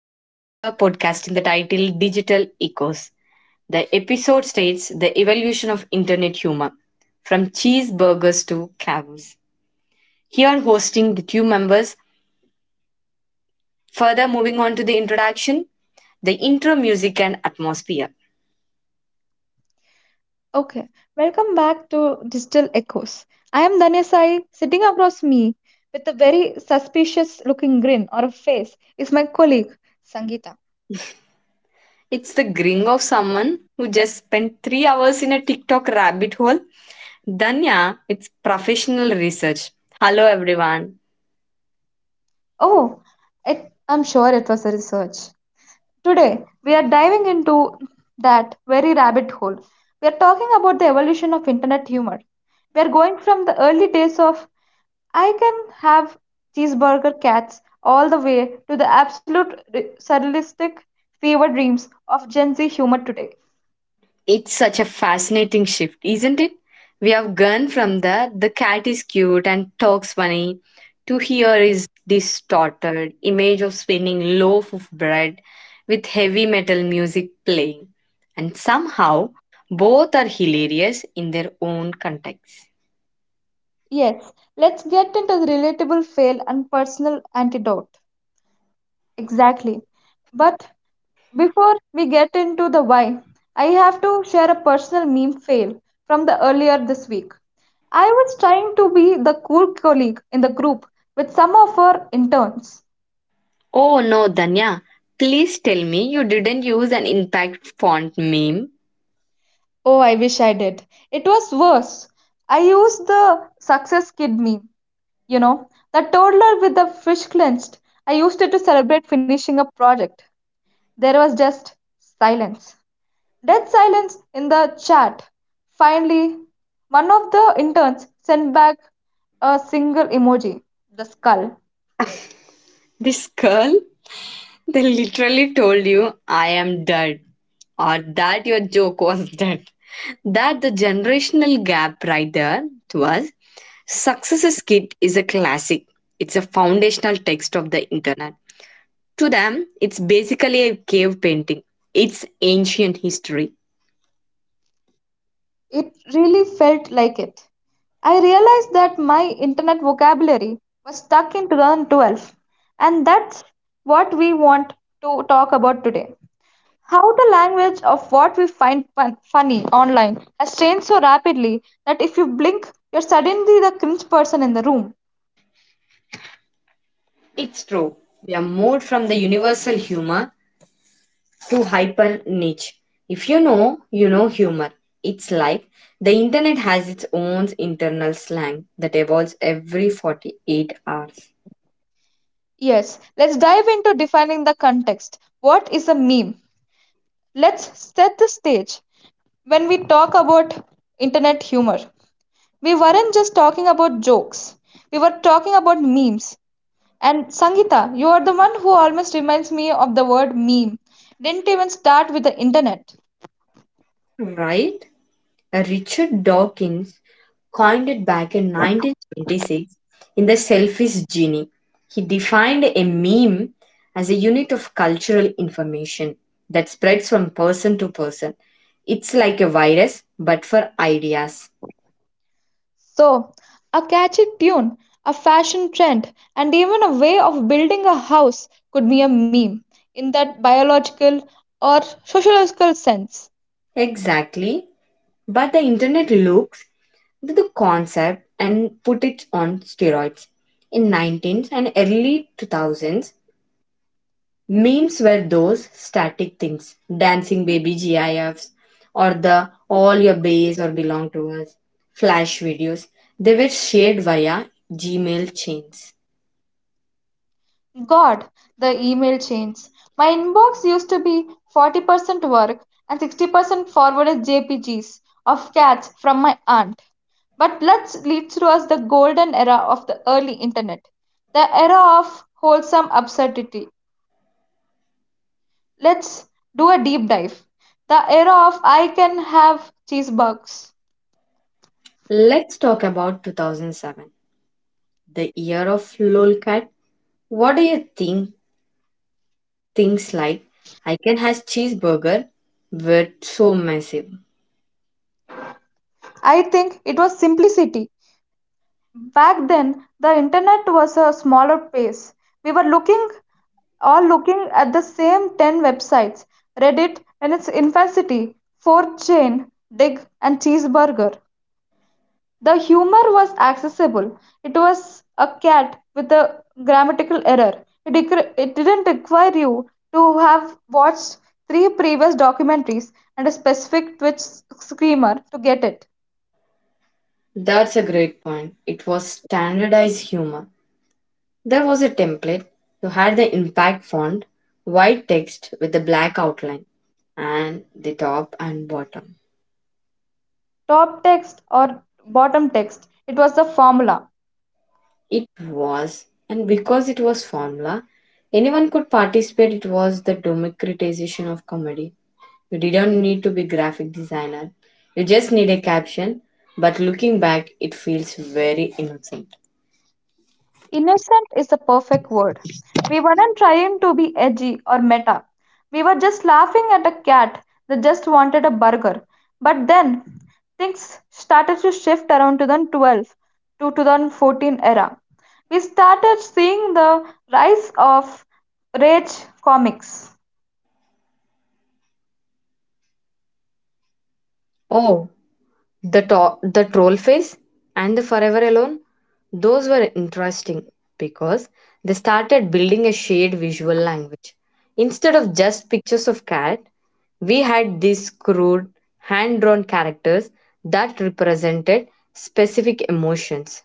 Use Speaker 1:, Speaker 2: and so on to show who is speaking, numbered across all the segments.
Speaker 1: We are here podcasting the title Digital Echoes. The episode states the evolution of internet humor from cheeseburgers to cows. Here, hosting the two members. Further, moving on to the introduction, the intro music and atmosphere.
Speaker 2: Okay, welcome back to Digital Echoes. I am Dhanya Sai. Sitting across me with a very suspicious looking grin or a face is my colleague Sangeeta.
Speaker 1: It's the grin of someone who just spent 3 hours in a TikTok rabbit hole. Danya, it's professional research. Hello, everyone.
Speaker 2: Oh, I'm sure it was a research. Today, we are diving into that very rabbit hole. We are talking about the evolution of internet humor. We are going from the early days of I can have cheeseburger cats all the way to the absolute surrealistic fever dreams of Gen Z humor today.
Speaker 1: It's such a fascinating shift, isn't it? We have gone from the cat is cute and talks funny to here is distorted image of spinning loaf of bread with heavy metal music playing. And somehow both are hilarious in their own context.
Speaker 2: Yes, let's get into the relatable fail and personal antidote. Exactly. But before we get into the why, I have to share a personal meme fail from the earlier this week. I was trying to be the cool colleague in the group with some of our interns.
Speaker 1: Oh no, Danya, please tell me you didn't use an impact font meme.
Speaker 2: Oh, I wish I did. It was worse. I used the success kid meme, you know, the toddler with the fish clenched. I used it to celebrate finishing a project. There was just silence. Dead silence in the chat. Finally, one of the interns sent back a single emoji, the skull.
Speaker 1: This girl they literally told you, I am dead, or that your joke was dead. That the generational gap right there to us. Successes Kit is a classic. It's a foundational text of the internet. To them, it's basically a cave painting. It's ancient history.
Speaker 2: It really felt like it. I realized that my internet vocabulary was stuck in 2012, and that's what we want to talk about today. How the language of what we find funny online has changed so rapidly that if you blink, you're suddenly the cringe person in the room.
Speaker 1: It's true. We are more from the universal humor to hyper niche. If you know, you know humor. It's like the internet has its own internal slang that evolves every 48 hours.
Speaker 2: Yes, let's dive into defining the context. What is a meme? Let's set the stage when we talk about internet humor. We weren't just talking about jokes, we were talking about memes. And Sangita, you are the one who almost reminds me of the word meme. Didn't even start with the internet.
Speaker 1: Right? Richard Dawkins coined it back in 1926 in The Selfish Genie. He defined a meme as a unit of cultural information that spreads from person to person. It's like a virus, but for ideas.
Speaker 2: So, a catchy tune, a fashion trend, and even a way of building a house could be a meme in that biological or sociological sense.
Speaker 1: Exactly. But the internet looks into the concept and put it on steroids. In 19th and early 2000s, memes were those static things, dancing baby GIFs or the all your base or belong to us flash videos. They were shared via Gmail chains.
Speaker 2: God, the email chains. My inbox used to be 40% work and 60% forwarded JPGs of cats from my aunt. But let's lead through us the golden era of the early internet, the era of wholesome absurdity. Let's do a deep dive. The era of I can have cheeseburgers.
Speaker 1: Let's talk about 2007, the year of lolcat. What do you think things like I can has cheeseburger were so massive?
Speaker 2: I think it was simplicity. Back then the internet was a smaller pace. We were looking at the same 10 websites: reddit in its infancy, 4chan, dig, and cheeseburger. The humor was accessible. It was a cat with a grammatical error. It didn't require you to have watched three previous documentaries and a specific twitch screamer to get it.
Speaker 1: That's a great point. It was standardized humor. There was a template. You had the impact font, white text with the black outline, and the top and bottom.
Speaker 2: Top text or bottom text, it was the formula.
Speaker 1: It was, and because it was formula, anyone could participate. It was the democratization of comedy. You didn't need to be graphic designer. You just need a caption. But looking back, it feels very innocent.
Speaker 2: Innocent is the perfect word. We weren't trying to be edgy or meta. We were just laughing at a cat that just wanted a burger. But then things started to shift around 2012 to 2014 era. We started seeing the rise of rage comics.
Speaker 1: Oh, the troll face and the forever alone, those were interesting because they started building a shared visual language. Instead of just pictures of cat, we had these crude, hand drawn characters that represented specific emotions.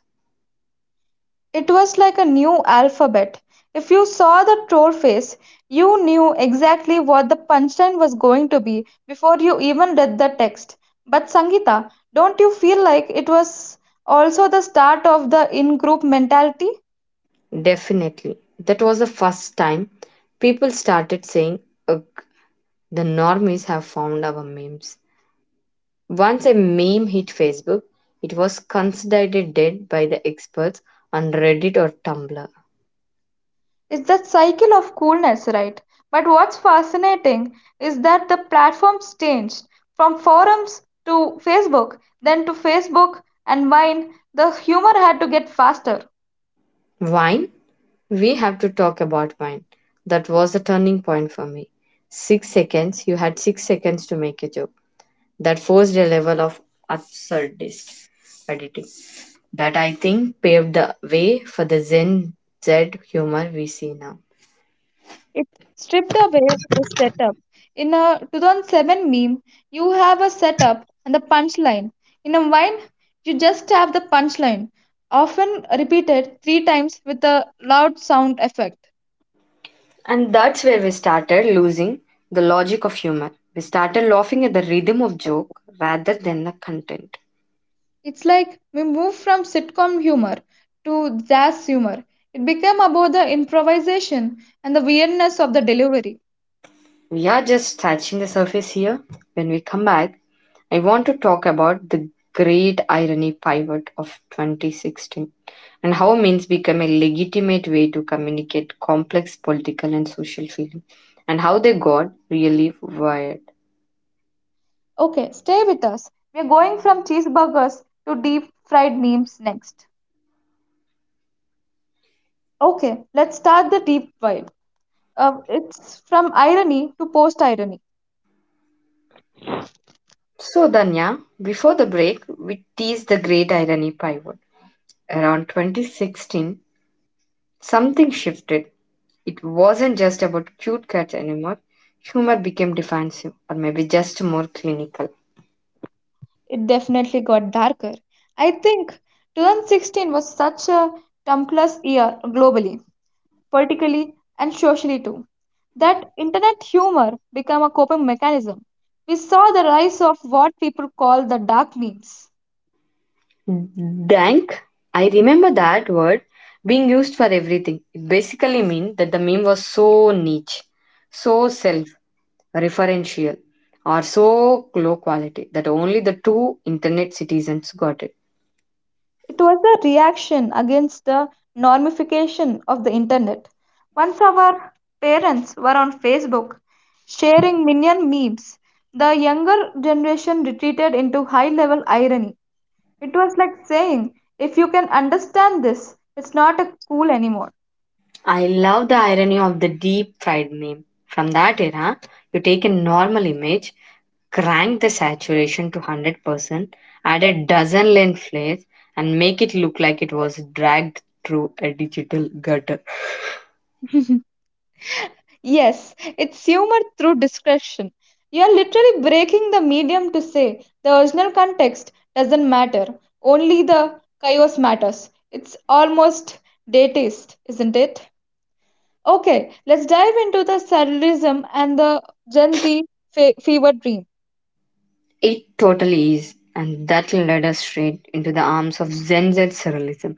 Speaker 2: It was like a new alphabet. If you saw the troll face, you knew exactly what the punchline was going to be before you even read the text. But Sangita, don't you feel like it was also the start of the in group mentality?
Speaker 1: Definitely, that was the first time people started saying, ugh, the normies have found our memes. Once a meme hit Facebook, it was considered dead by the experts on Reddit or Tumblr.
Speaker 2: It's that cycle of coolness, right? But what's fascinating is that the platforms changed from forums to Facebook, then to Facebook and Vine, the humor had to get faster.
Speaker 1: Wine? We have to talk about wine. That was the turning point for me. 6 seconds, you had 6 seconds to make a joke. That forced a level of absurdist editing that I think paved the way for the Zen Z humor we see now.
Speaker 2: It stripped away the setup. In a 2007 meme, you have a setup and the punchline. In a wine, you just have the punchline, often repeated three times with a loud sound effect.
Speaker 1: And that's where we started losing the logic of humor. We started laughing at the rhythm of joke rather than the content.
Speaker 2: It's like we move from sitcom humor to jazz humor. It became about the improvisation and the weirdness of the delivery.
Speaker 1: We are just touching the surface here. When we come back, I want to talk about the great irony pivot of 2016 and how memes become a legitimate way to communicate complex political and social feeling and how they got really wired.
Speaker 2: Okay, stay with us. We're going from cheeseburgers to deep fried memes next. Okay, let's start the deep dive. It's from irony to post irony.
Speaker 1: So, Danya, before the break, we teased the great irony pivot. Around 2016, something shifted. It wasn't just about cute cats anymore. Humor became defensive, or maybe just more clinical.
Speaker 2: It definitely got darker. I think 2016 was such a tumultuous year globally, politically, and socially too, that internet humor became a coping mechanism. We saw the rise of what people call the dark memes.
Speaker 1: Dank, I remember that word being used for everything. It basically meant that the meme was so niche, so self referential, or so low quality that only the two internet citizens got it.
Speaker 2: It was a reaction against the normification of the internet. Once our parents were on Facebook sharing minion memes, the younger generation retreated into high level irony. It was like saying, if you can understand this, it's not a cool anymore.
Speaker 1: I love the irony of the deep fried meme. From that era, you take a normal image crank the saturation to 100%, add a dozen lens flares, and make it look like it was dragged through a digital gutter.
Speaker 2: Yes, it's humor through discretion. You are literally breaking the medium to say the original context doesn't matter, only the chaos matters. It's almost datist, isn't it? Okay, let's dive into the surrealism and the Gen Z fever dream.
Speaker 1: It totally is, and that led us straight into the arms of Zen Z surrealism.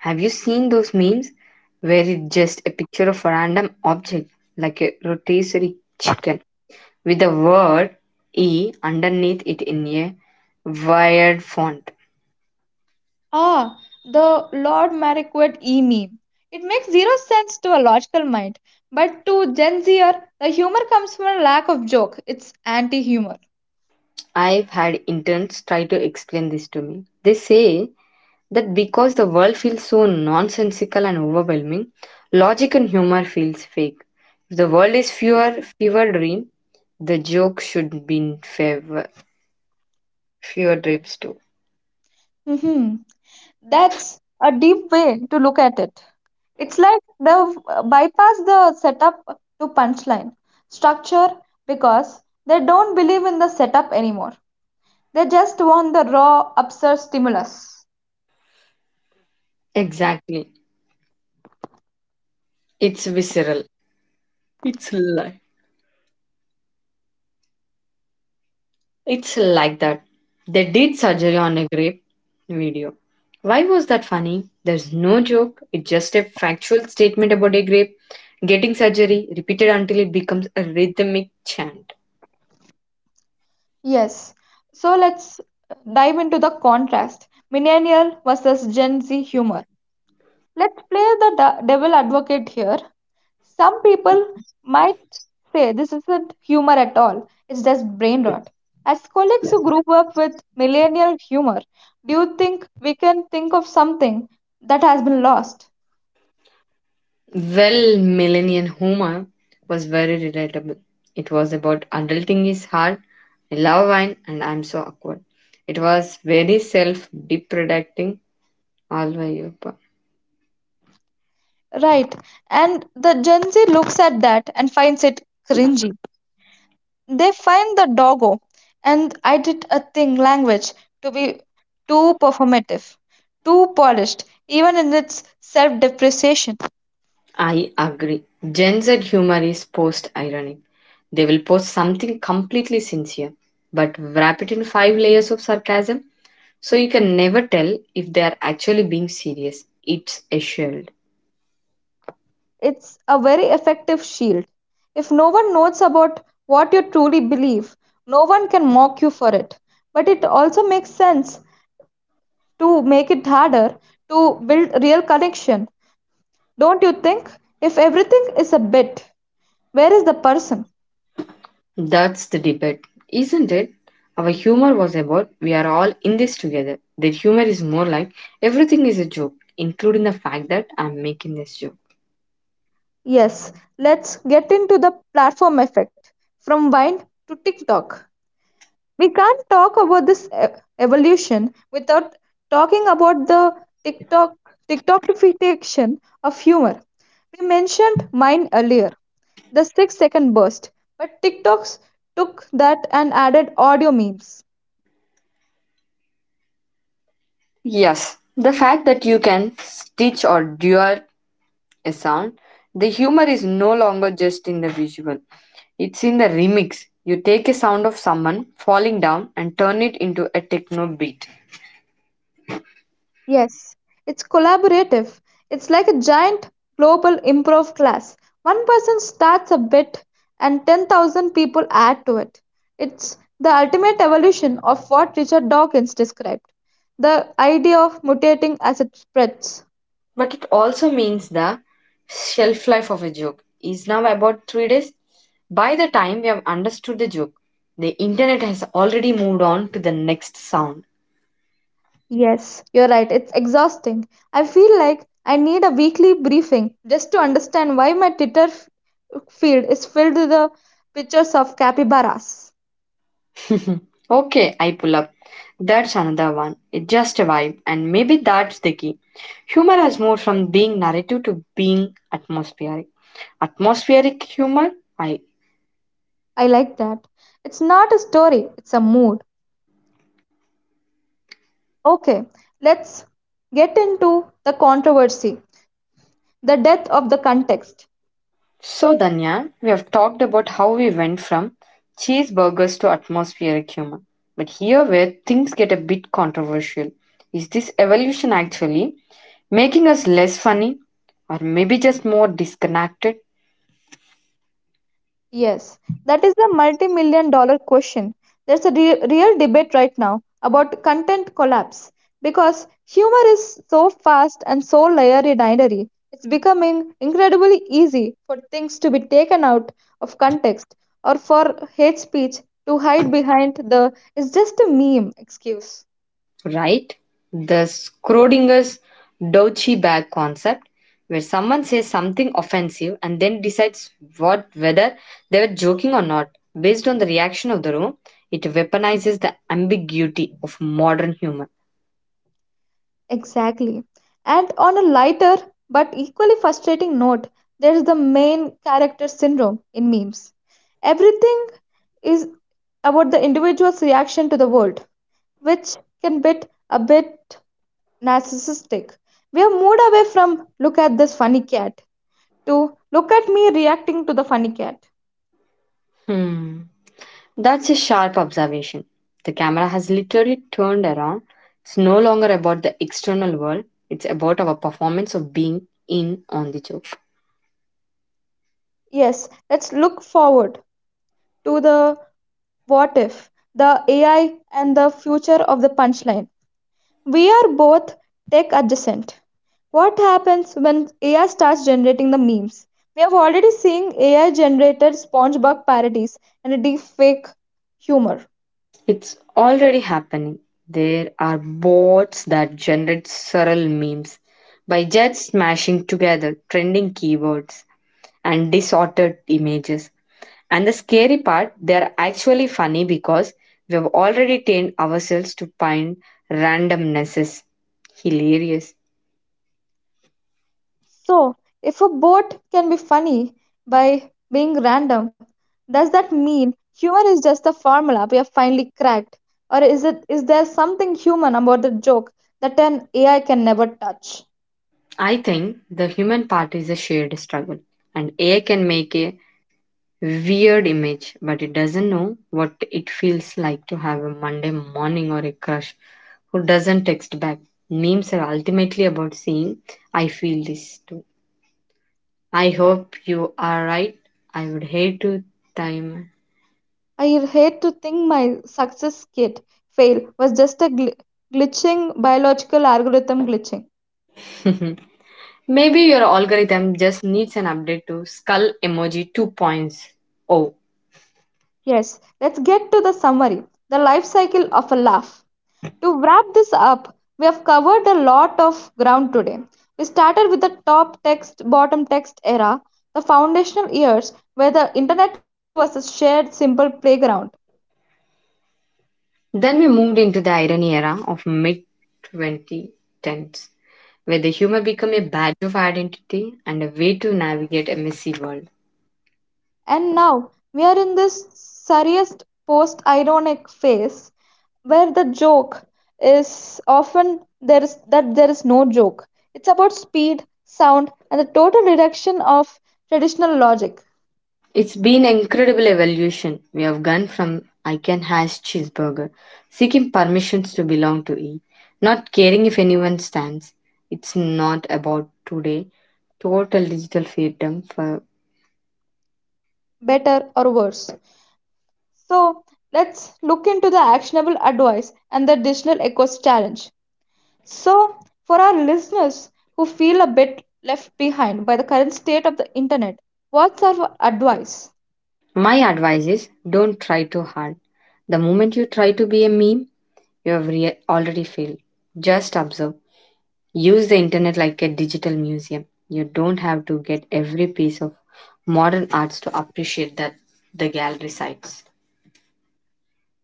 Speaker 1: Have you seen those memes where it's just a picture of a random object like a rotisserie chicken with the word E underneath it in a wired font?
Speaker 2: Ah, the Lord Marquette E meme. It makes zero sense to a logical mind, but to Gen Zer, the humor comes from a lack of joke. It's anti humor.
Speaker 1: I've had interns try to explain this to me. They say that because the world feels so nonsensical and overwhelming, logic and humor feels fake. If the world is fewer fever dream, the joke should be in favor fewer dreams too.
Speaker 2: Hmm. That's a deep way to look at it. It's like they've bypassed the setup to punchline structure because they don't believe in the setup anymore. They just want the raw, absurd stimulus.
Speaker 1: Exactly. It's visceral. It's like It's like that. They did surgery on a grape video. Why was that funny? There's no joke. It's just a factual statement about a grape getting surgery repeated until it becomes a rhythmic chant.
Speaker 2: Yes. So let's dive into the contrast millennial versus Gen Z humor. Let's play the devil advocate here. Some people might say this isn't humor at all, it's just brain rot. As colleagues who grew up with millennial humor, do you think we can think of something that has been lost?
Speaker 1: Well, Millennial Humor was very relatable. It was about adulting is hard, I love wine, and I'm so awkward. It was very self depredating all the Europe.
Speaker 2: Right. And the Gen Z looks at that and finds it cringy. They find the doggo and I did a thing language to be too performative, too polished, even in its self depreciation.
Speaker 1: I agree. Gen Z humor is post ironic. They will post something completely sincere, but wrap it in five layers of sarcasm so you can never tell if they are actually being serious. It's a shield.
Speaker 2: It's a very effective shield. If no one knows about what you truly believe, no one can mock you for it. But it also makes sense to make it harder to build real connection, don't you think? If everything is a bit, where is the person?
Speaker 1: That's the debate, isn't it? Our humor was about we are all in this together. Their humor is more like everything is a joke, including the fact that I'm making this joke.
Speaker 2: Yes, let's get into the platform effect from Vine to TikTok. We can't talk about this evolution without talking about the TikTok TikTokification of humor. We mentioned mine earlier, the 6 second burst, but TikToks took that and added audio memes.
Speaker 1: Yes, the fact that you can stitch or dual a sound, the humor is no longer just in the visual, it's in the remix. You take a sound of someone falling down and turn it into a techno beat.
Speaker 2: Yes, it's collaborative. It's like a giant global improv class. One person starts a bit and 10,000 people add to it. It's the ultimate evolution of what Richard Dawkins described, the idea of mutating as it spreads.
Speaker 1: But it also means the shelf life of a joke is now about 3 days. By the time we have understood the joke, the internet has already moved on to the next sound.
Speaker 2: Yes, you're right. It's exhausting. I feel like I need a weekly briefing just to understand why my Twitter feed is filled with the pictures of capybaras.
Speaker 1: Okay, I pull up. That's another one. It's just a vibe, and maybe that's the key. Humor has moved from being narrative to being atmospheric. Atmospheric humor, I
Speaker 2: I like that. It's not a story, it's a mood. Okay, let's get into the controversy, the death of the context.
Speaker 1: so, Danya, we have talked about how we went from cheeseburgers to atmospheric humor. But here, where things get a bit controversial, is this evolution actually making us less funny or maybe just more disconnected,
Speaker 2: Yes, that is a multi million-dollar question. There's a real debate right now about content collapse because humor is so fast and so layered binary. It's becoming incredibly easy for things to be taken out of context or for hate speech to hide behind the it's just a meme excuse.
Speaker 1: right? The Schrodinger's Dochi bag concept, where someone says something offensive and then decides what whether they were joking or not based on the reaction of the room, it weaponizes the ambiguity of modern humor.
Speaker 2: Exactly. And on a lighter but equally frustrating note, there's the main character syndrome in memes. Everything is about the individual's reaction to the world, which can be a bit narcissistic. We have moved away from look at this funny cat to look at me reacting to the funny cat.
Speaker 1: Hmm. That's a sharp observation. The camera has literally turned around. It's no longer about the external world, it's about our performance of being in on the joke.
Speaker 2: Yes, let's look forward to the what if, the AI, and the future of the punchline. We are both tech adjacent. What happens when AI starts generating the memes? We have already seen AI generated SpongeBob parodies and a deep fake humor.
Speaker 1: It's already happening. There are bots that generate several memes by just smashing together trending keywords and distorted images. And the scary part, they're actually funny because we have already trained ourselves to find randomnesses. Hilarious.
Speaker 2: So, if a bot can be funny by being random, does that mean humor is just a formula we have finally cracked? Or is it is there something human about the joke that an AI can never touch?
Speaker 1: I think the human part is a shared struggle, and AI can make a weird image, but it doesn't know what it feels like to have a Monday morning or a crush who doesn't text back. Memes are ultimately about saying, I feel this too. I hope you are right. I would hate to time.
Speaker 2: I hate to think my success kit fail was just a glitching biological algorithm glitching.
Speaker 1: Maybe your algorithm just needs an update to skull emoji 2.0.
Speaker 2: Yes, let's get to the summary, the life cycle of a laugh. To wrap this up, we have covered a lot of ground today. We started with the top text, bottom text era, the foundational years where the internet was a shared, simple playground.
Speaker 1: Then we moved into the irony era of mid 2010s where the humor become a badge of identity and a way to navigate a messy world.
Speaker 2: And now we are in this serious post ironic phase where the joke is often there is that there is no joke. It's about speed, sound, and the total reduction of traditional logic,
Speaker 1: It's been an incredible evolution we have gone from I can hash cheeseburger, seeking permissions to belong to E, not caring if anyone stands. It's not about today, total digital freedom. For
Speaker 2: better or worse. So let's look into the actionable advice and the digital echoes challenge. So for our listeners who feel a bit left behind by the current state of the internet, what's our advice?
Speaker 1: my advice is don't try too hard. The moment you try to be a meme, you have already failed. Just observe use the internet like a digital museum. You don't have to get every piece of modern arts to appreciate that the gallery sites.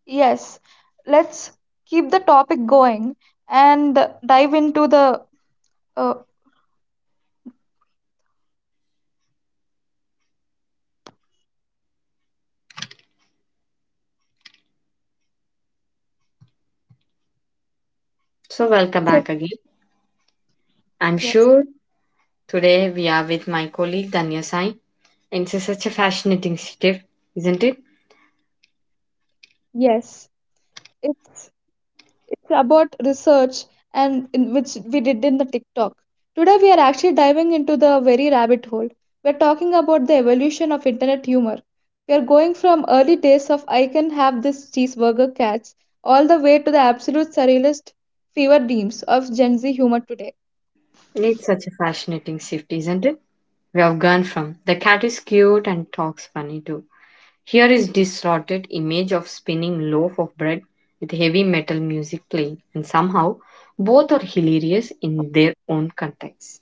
Speaker 2: Yes, let's keep the topic going and dive into the uh,
Speaker 1: So welcome back again. I'm
Speaker 2: Yes,
Speaker 1: sure today we are with my colleague Danya Sai. And it's such a fascinating shift, isn't it?
Speaker 2: yes. It's about research and in which we did in the TikTok. Today we are actually diving into the very rabbit hole. We're talking about the evolution of internet humor. We are going from early days of I can have this cheeseburger cats all the way to the absolute surrealist fever dreams of Gen Z humor today.
Speaker 1: It's such a fascinating shift, isn't it? We have gone from the cat is cute and talks funny too here is distorted image of spinning loaf of bread with heavy metal music playing and somehow both are hilarious in their own context.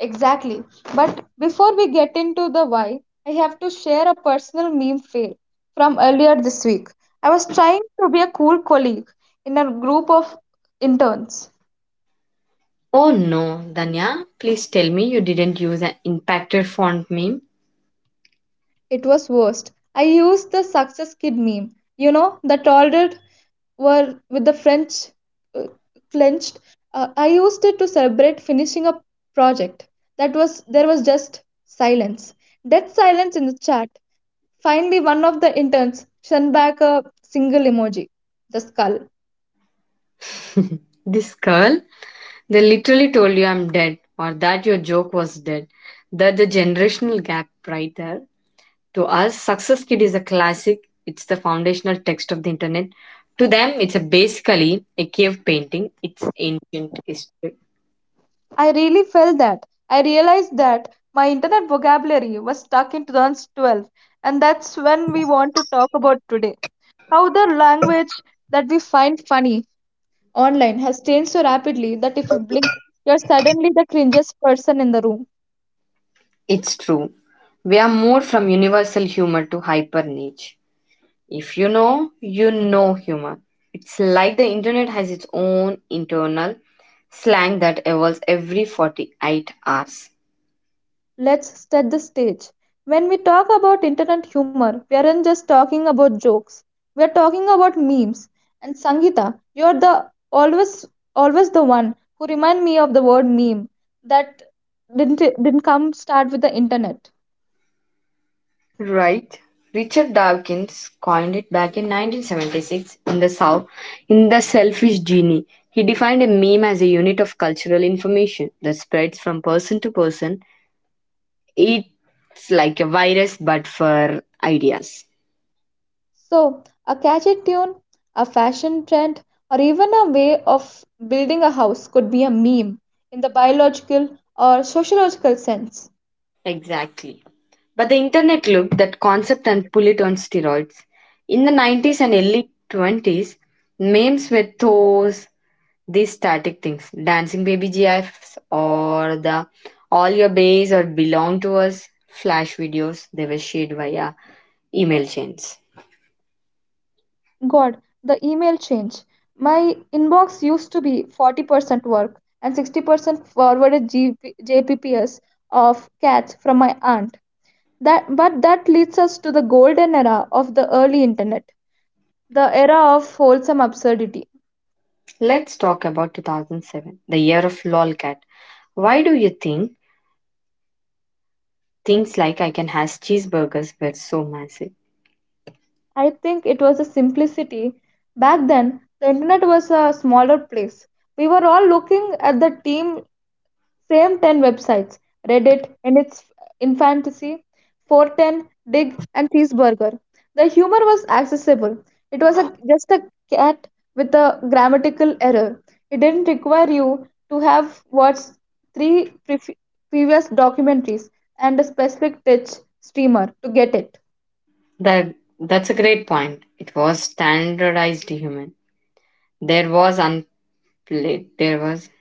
Speaker 2: Exactly. But before we get into the why, I have to share a personal meme fail from earlier this week. I was trying to be a cool colleague in a group of interns.
Speaker 1: Oh no, Danya, please tell me you didn't use an impacted font meme.
Speaker 2: It was worst. I used the success kid meme, you know, the tall dude were with the French uh, clenched. I used it to celebrate finishing a project. That was there was just silence, dead silence in the chat. Finally, one of the interns sent back a single emoji, the skull.
Speaker 1: This girl, they literally told you I'm dead or that your joke was dead. That's the generational gap right there. To us, Success Kit is a classic, it's the foundational text of the internet. To them, it's a basically a cave painting, it's ancient history.
Speaker 2: I really felt that. I realized that my internet vocabulary was stuck in 2012, and that's when we want to talk about today. How the language that we find funny online has changed so rapidly that if you blink, you're suddenly the cringiest person in the room.
Speaker 1: It's true. We are moved from universal humor to hyper niche. If you know, you know humor. It's like the internet has its own internal slang that evolves every 48 hours.
Speaker 2: Let's set the stage. When we talk about internet humor, we aren't just talking about jokes. We are talking about memes. And Sangeeta, you're the always the one who remind me of the word meme that didn't come start with the internet.
Speaker 1: Right. Richard Dawkins coined it back in 1976 in the South in The Selfish Genie. He defined a meme as a unit of cultural information that spreads from person to person. It's like a virus, but for ideas.
Speaker 2: So a catchy tune, a fashion trend, or even a way of building a house could be a meme in the biological or sociological sense.
Speaker 1: Exactly. But the internet looked that concept and pull it on steroids. In the 90s and early 20s, memes were those These static things, dancing baby GIFs or the all your bays or belong to us flash videos, they were shared via email chains.
Speaker 2: God, the email change. My inbox used to be 40% work and 60% forwarded GP, JPPS of cats from my aunt. But that leads us to the golden era of the early internet, the era of wholesome absurdity.
Speaker 1: Let's talk about 2007, the year of lolcat. Why do you think things like I can has cheeseburgers were so massive?
Speaker 2: I think it was a simplicity. Back then, the internet was a smaller place. We were all looking at the team same 10 websites, Reddit in its infancy, 410, Dig, and Cheeseburger. The humor was accessible. It was just a cat with a grammatical error. It didn't require you to have watched three previous documentaries and a specific Twitch streamer to get it.
Speaker 1: That's a great point. It was standardized human. There was unplayed. There was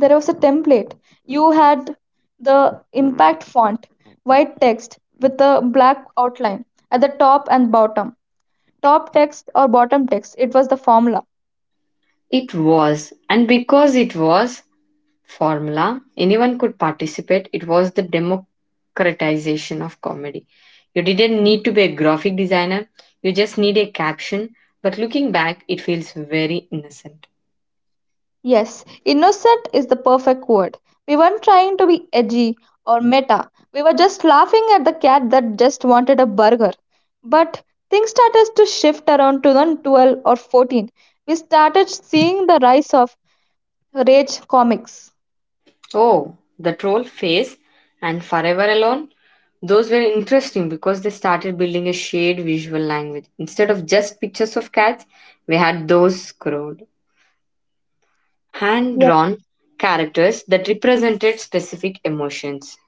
Speaker 2: There was a template. You had the impact font, white text with a black outline at the top and bottom. Top text or bottom text, it was the formula.
Speaker 1: it was, and because it was, formula. Anyone could participate. It was the democratization of comedy. You didn't need to be a graphic designer, you just need a caption. But looking back, it feels very innocent.
Speaker 2: Yes, innocent is the perfect word. We weren't trying to be edgy or meta, we were just laughing at the cat that just wanted a burger. But things started to shift around 2012 or 14. We started seeing the rise of rage comics.
Speaker 1: Oh, the troll face and forever alone. Those were interesting because they started building a shared visual language. Instead of just pictures of cats, we had those scrolled, hand drawn characters that represented specific emotions.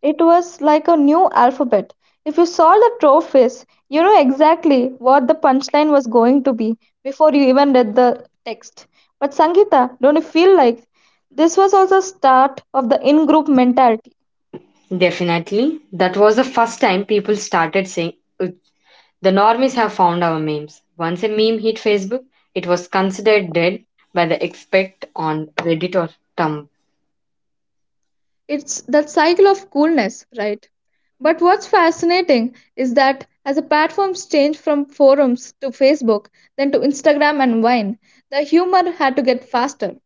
Speaker 2: It was like a new alphabet. If you saw the trophies, you know exactly what the punchline was going to be before you even read the text. But Sangeeta, don't you feel like this was also start of the in-group mentality?
Speaker 1: Definitely. That was the first time people started saying, "Uh, the normies have found our memes." Once a meme hit Facebook, it was considered dead by the expect on Reddit or Tumblr.
Speaker 2: It's that cycle of coolness, right? But what's fascinating is that as the platforms changed from forums to Facebook, then to Instagram and Vine, the humor had to get faster.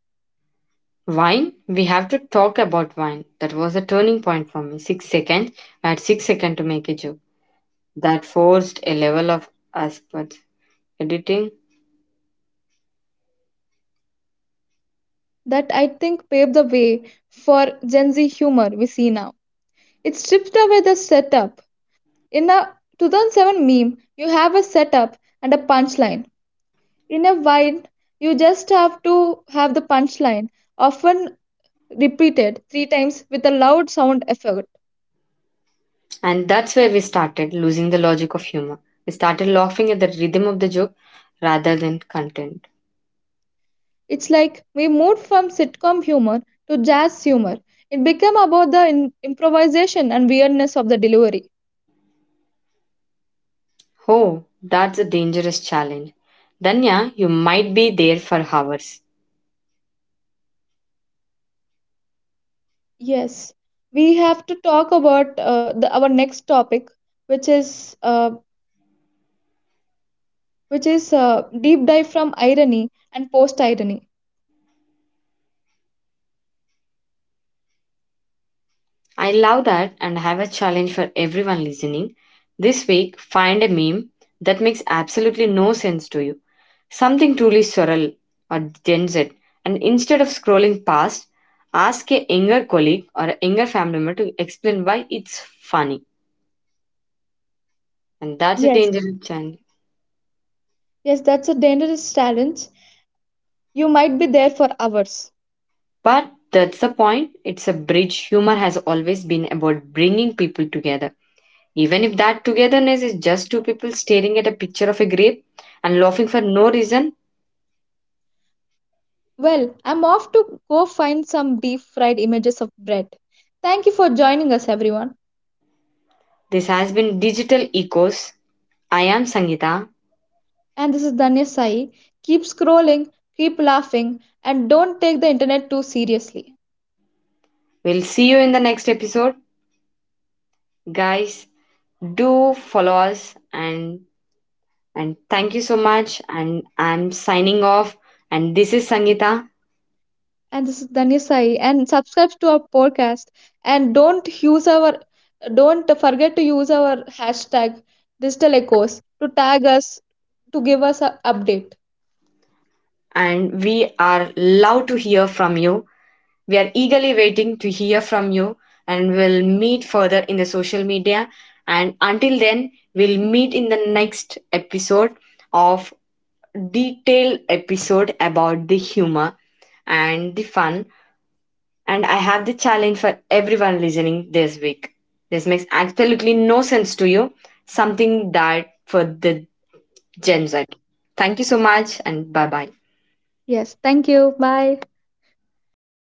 Speaker 1: Wine? We have to talk about wine. That was a turning point for me. 6 seconds. I had 6 seconds to make a joke. That forced a level of aspect editing.
Speaker 2: That I think paved the way for Gen Z humor we see now. It stripped away the setup. In a 2007 meme, you have a setup and a punchline. In a wide, you just have to have the punchline, often repeated three times with a loud sound effect.
Speaker 1: And that's where we started losing the logic of humor. We started laughing at the rhythm of the joke rather than content.
Speaker 2: It's like we moved from sitcom humor to jazz humor. It became about the improvisation and weirdness of the delivery.
Speaker 1: Oh, that's a dangerous challenge. Danya, you might be there for hours.
Speaker 2: Yes, we have to talk about our next topic, which is deep dive from irony and post irony.
Speaker 1: I love that and have a challenge for everyone listening. This week, find a meme that makes absolutely no sense to you. Something truly surreal or Gen Z. And instead of scrolling past, ask a younger colleague or a younger family member to explain why it's funny. And that's a
Speaker 2: Yes,
Speaker 1: dangerous challenge.
Speaker 2: yes, that's a dangerous challenge. You might be there for hours.
Speaker 1: But that's the point. It's a bridge. Humor has always been about bringing people together. Even if that togetherness is just two people staring at a picture of a grape and laughing for no reason,
Speaker 2: Well, I'm off to go find some deep fried images of bread. Thank you for joining us, everyone.
Speaker 1: this has been Digital Echoes. I am Sangeeta.
Speaker 2: And this is Danya Sai. Keep scrolling, keep laughing, and don't take the internet too seriously.
Speaker 1: We'll see you in the next episode. Guys, do follow us and thank you so much and I'm signing off and this is Sangeeta
Speaker 2: And this is Dhanya Sai. And subscribe to our podcast. And don't forget to use our hashtag digital echoes to tag us to give us an update.
Speaker 1: and we are love to hear from you. We are eagerly waiting to hear from you and we'll meet further in the social media. And until then, we'll meet in the next episode of detailed episode about the humor and the fun. And I have the challenge for everyone listening this week. This makes absolutely no sense to you. Something that for the Gen Z. Thank you so much and bye bye.
Speaker 2: Yes. Thank you. Bye.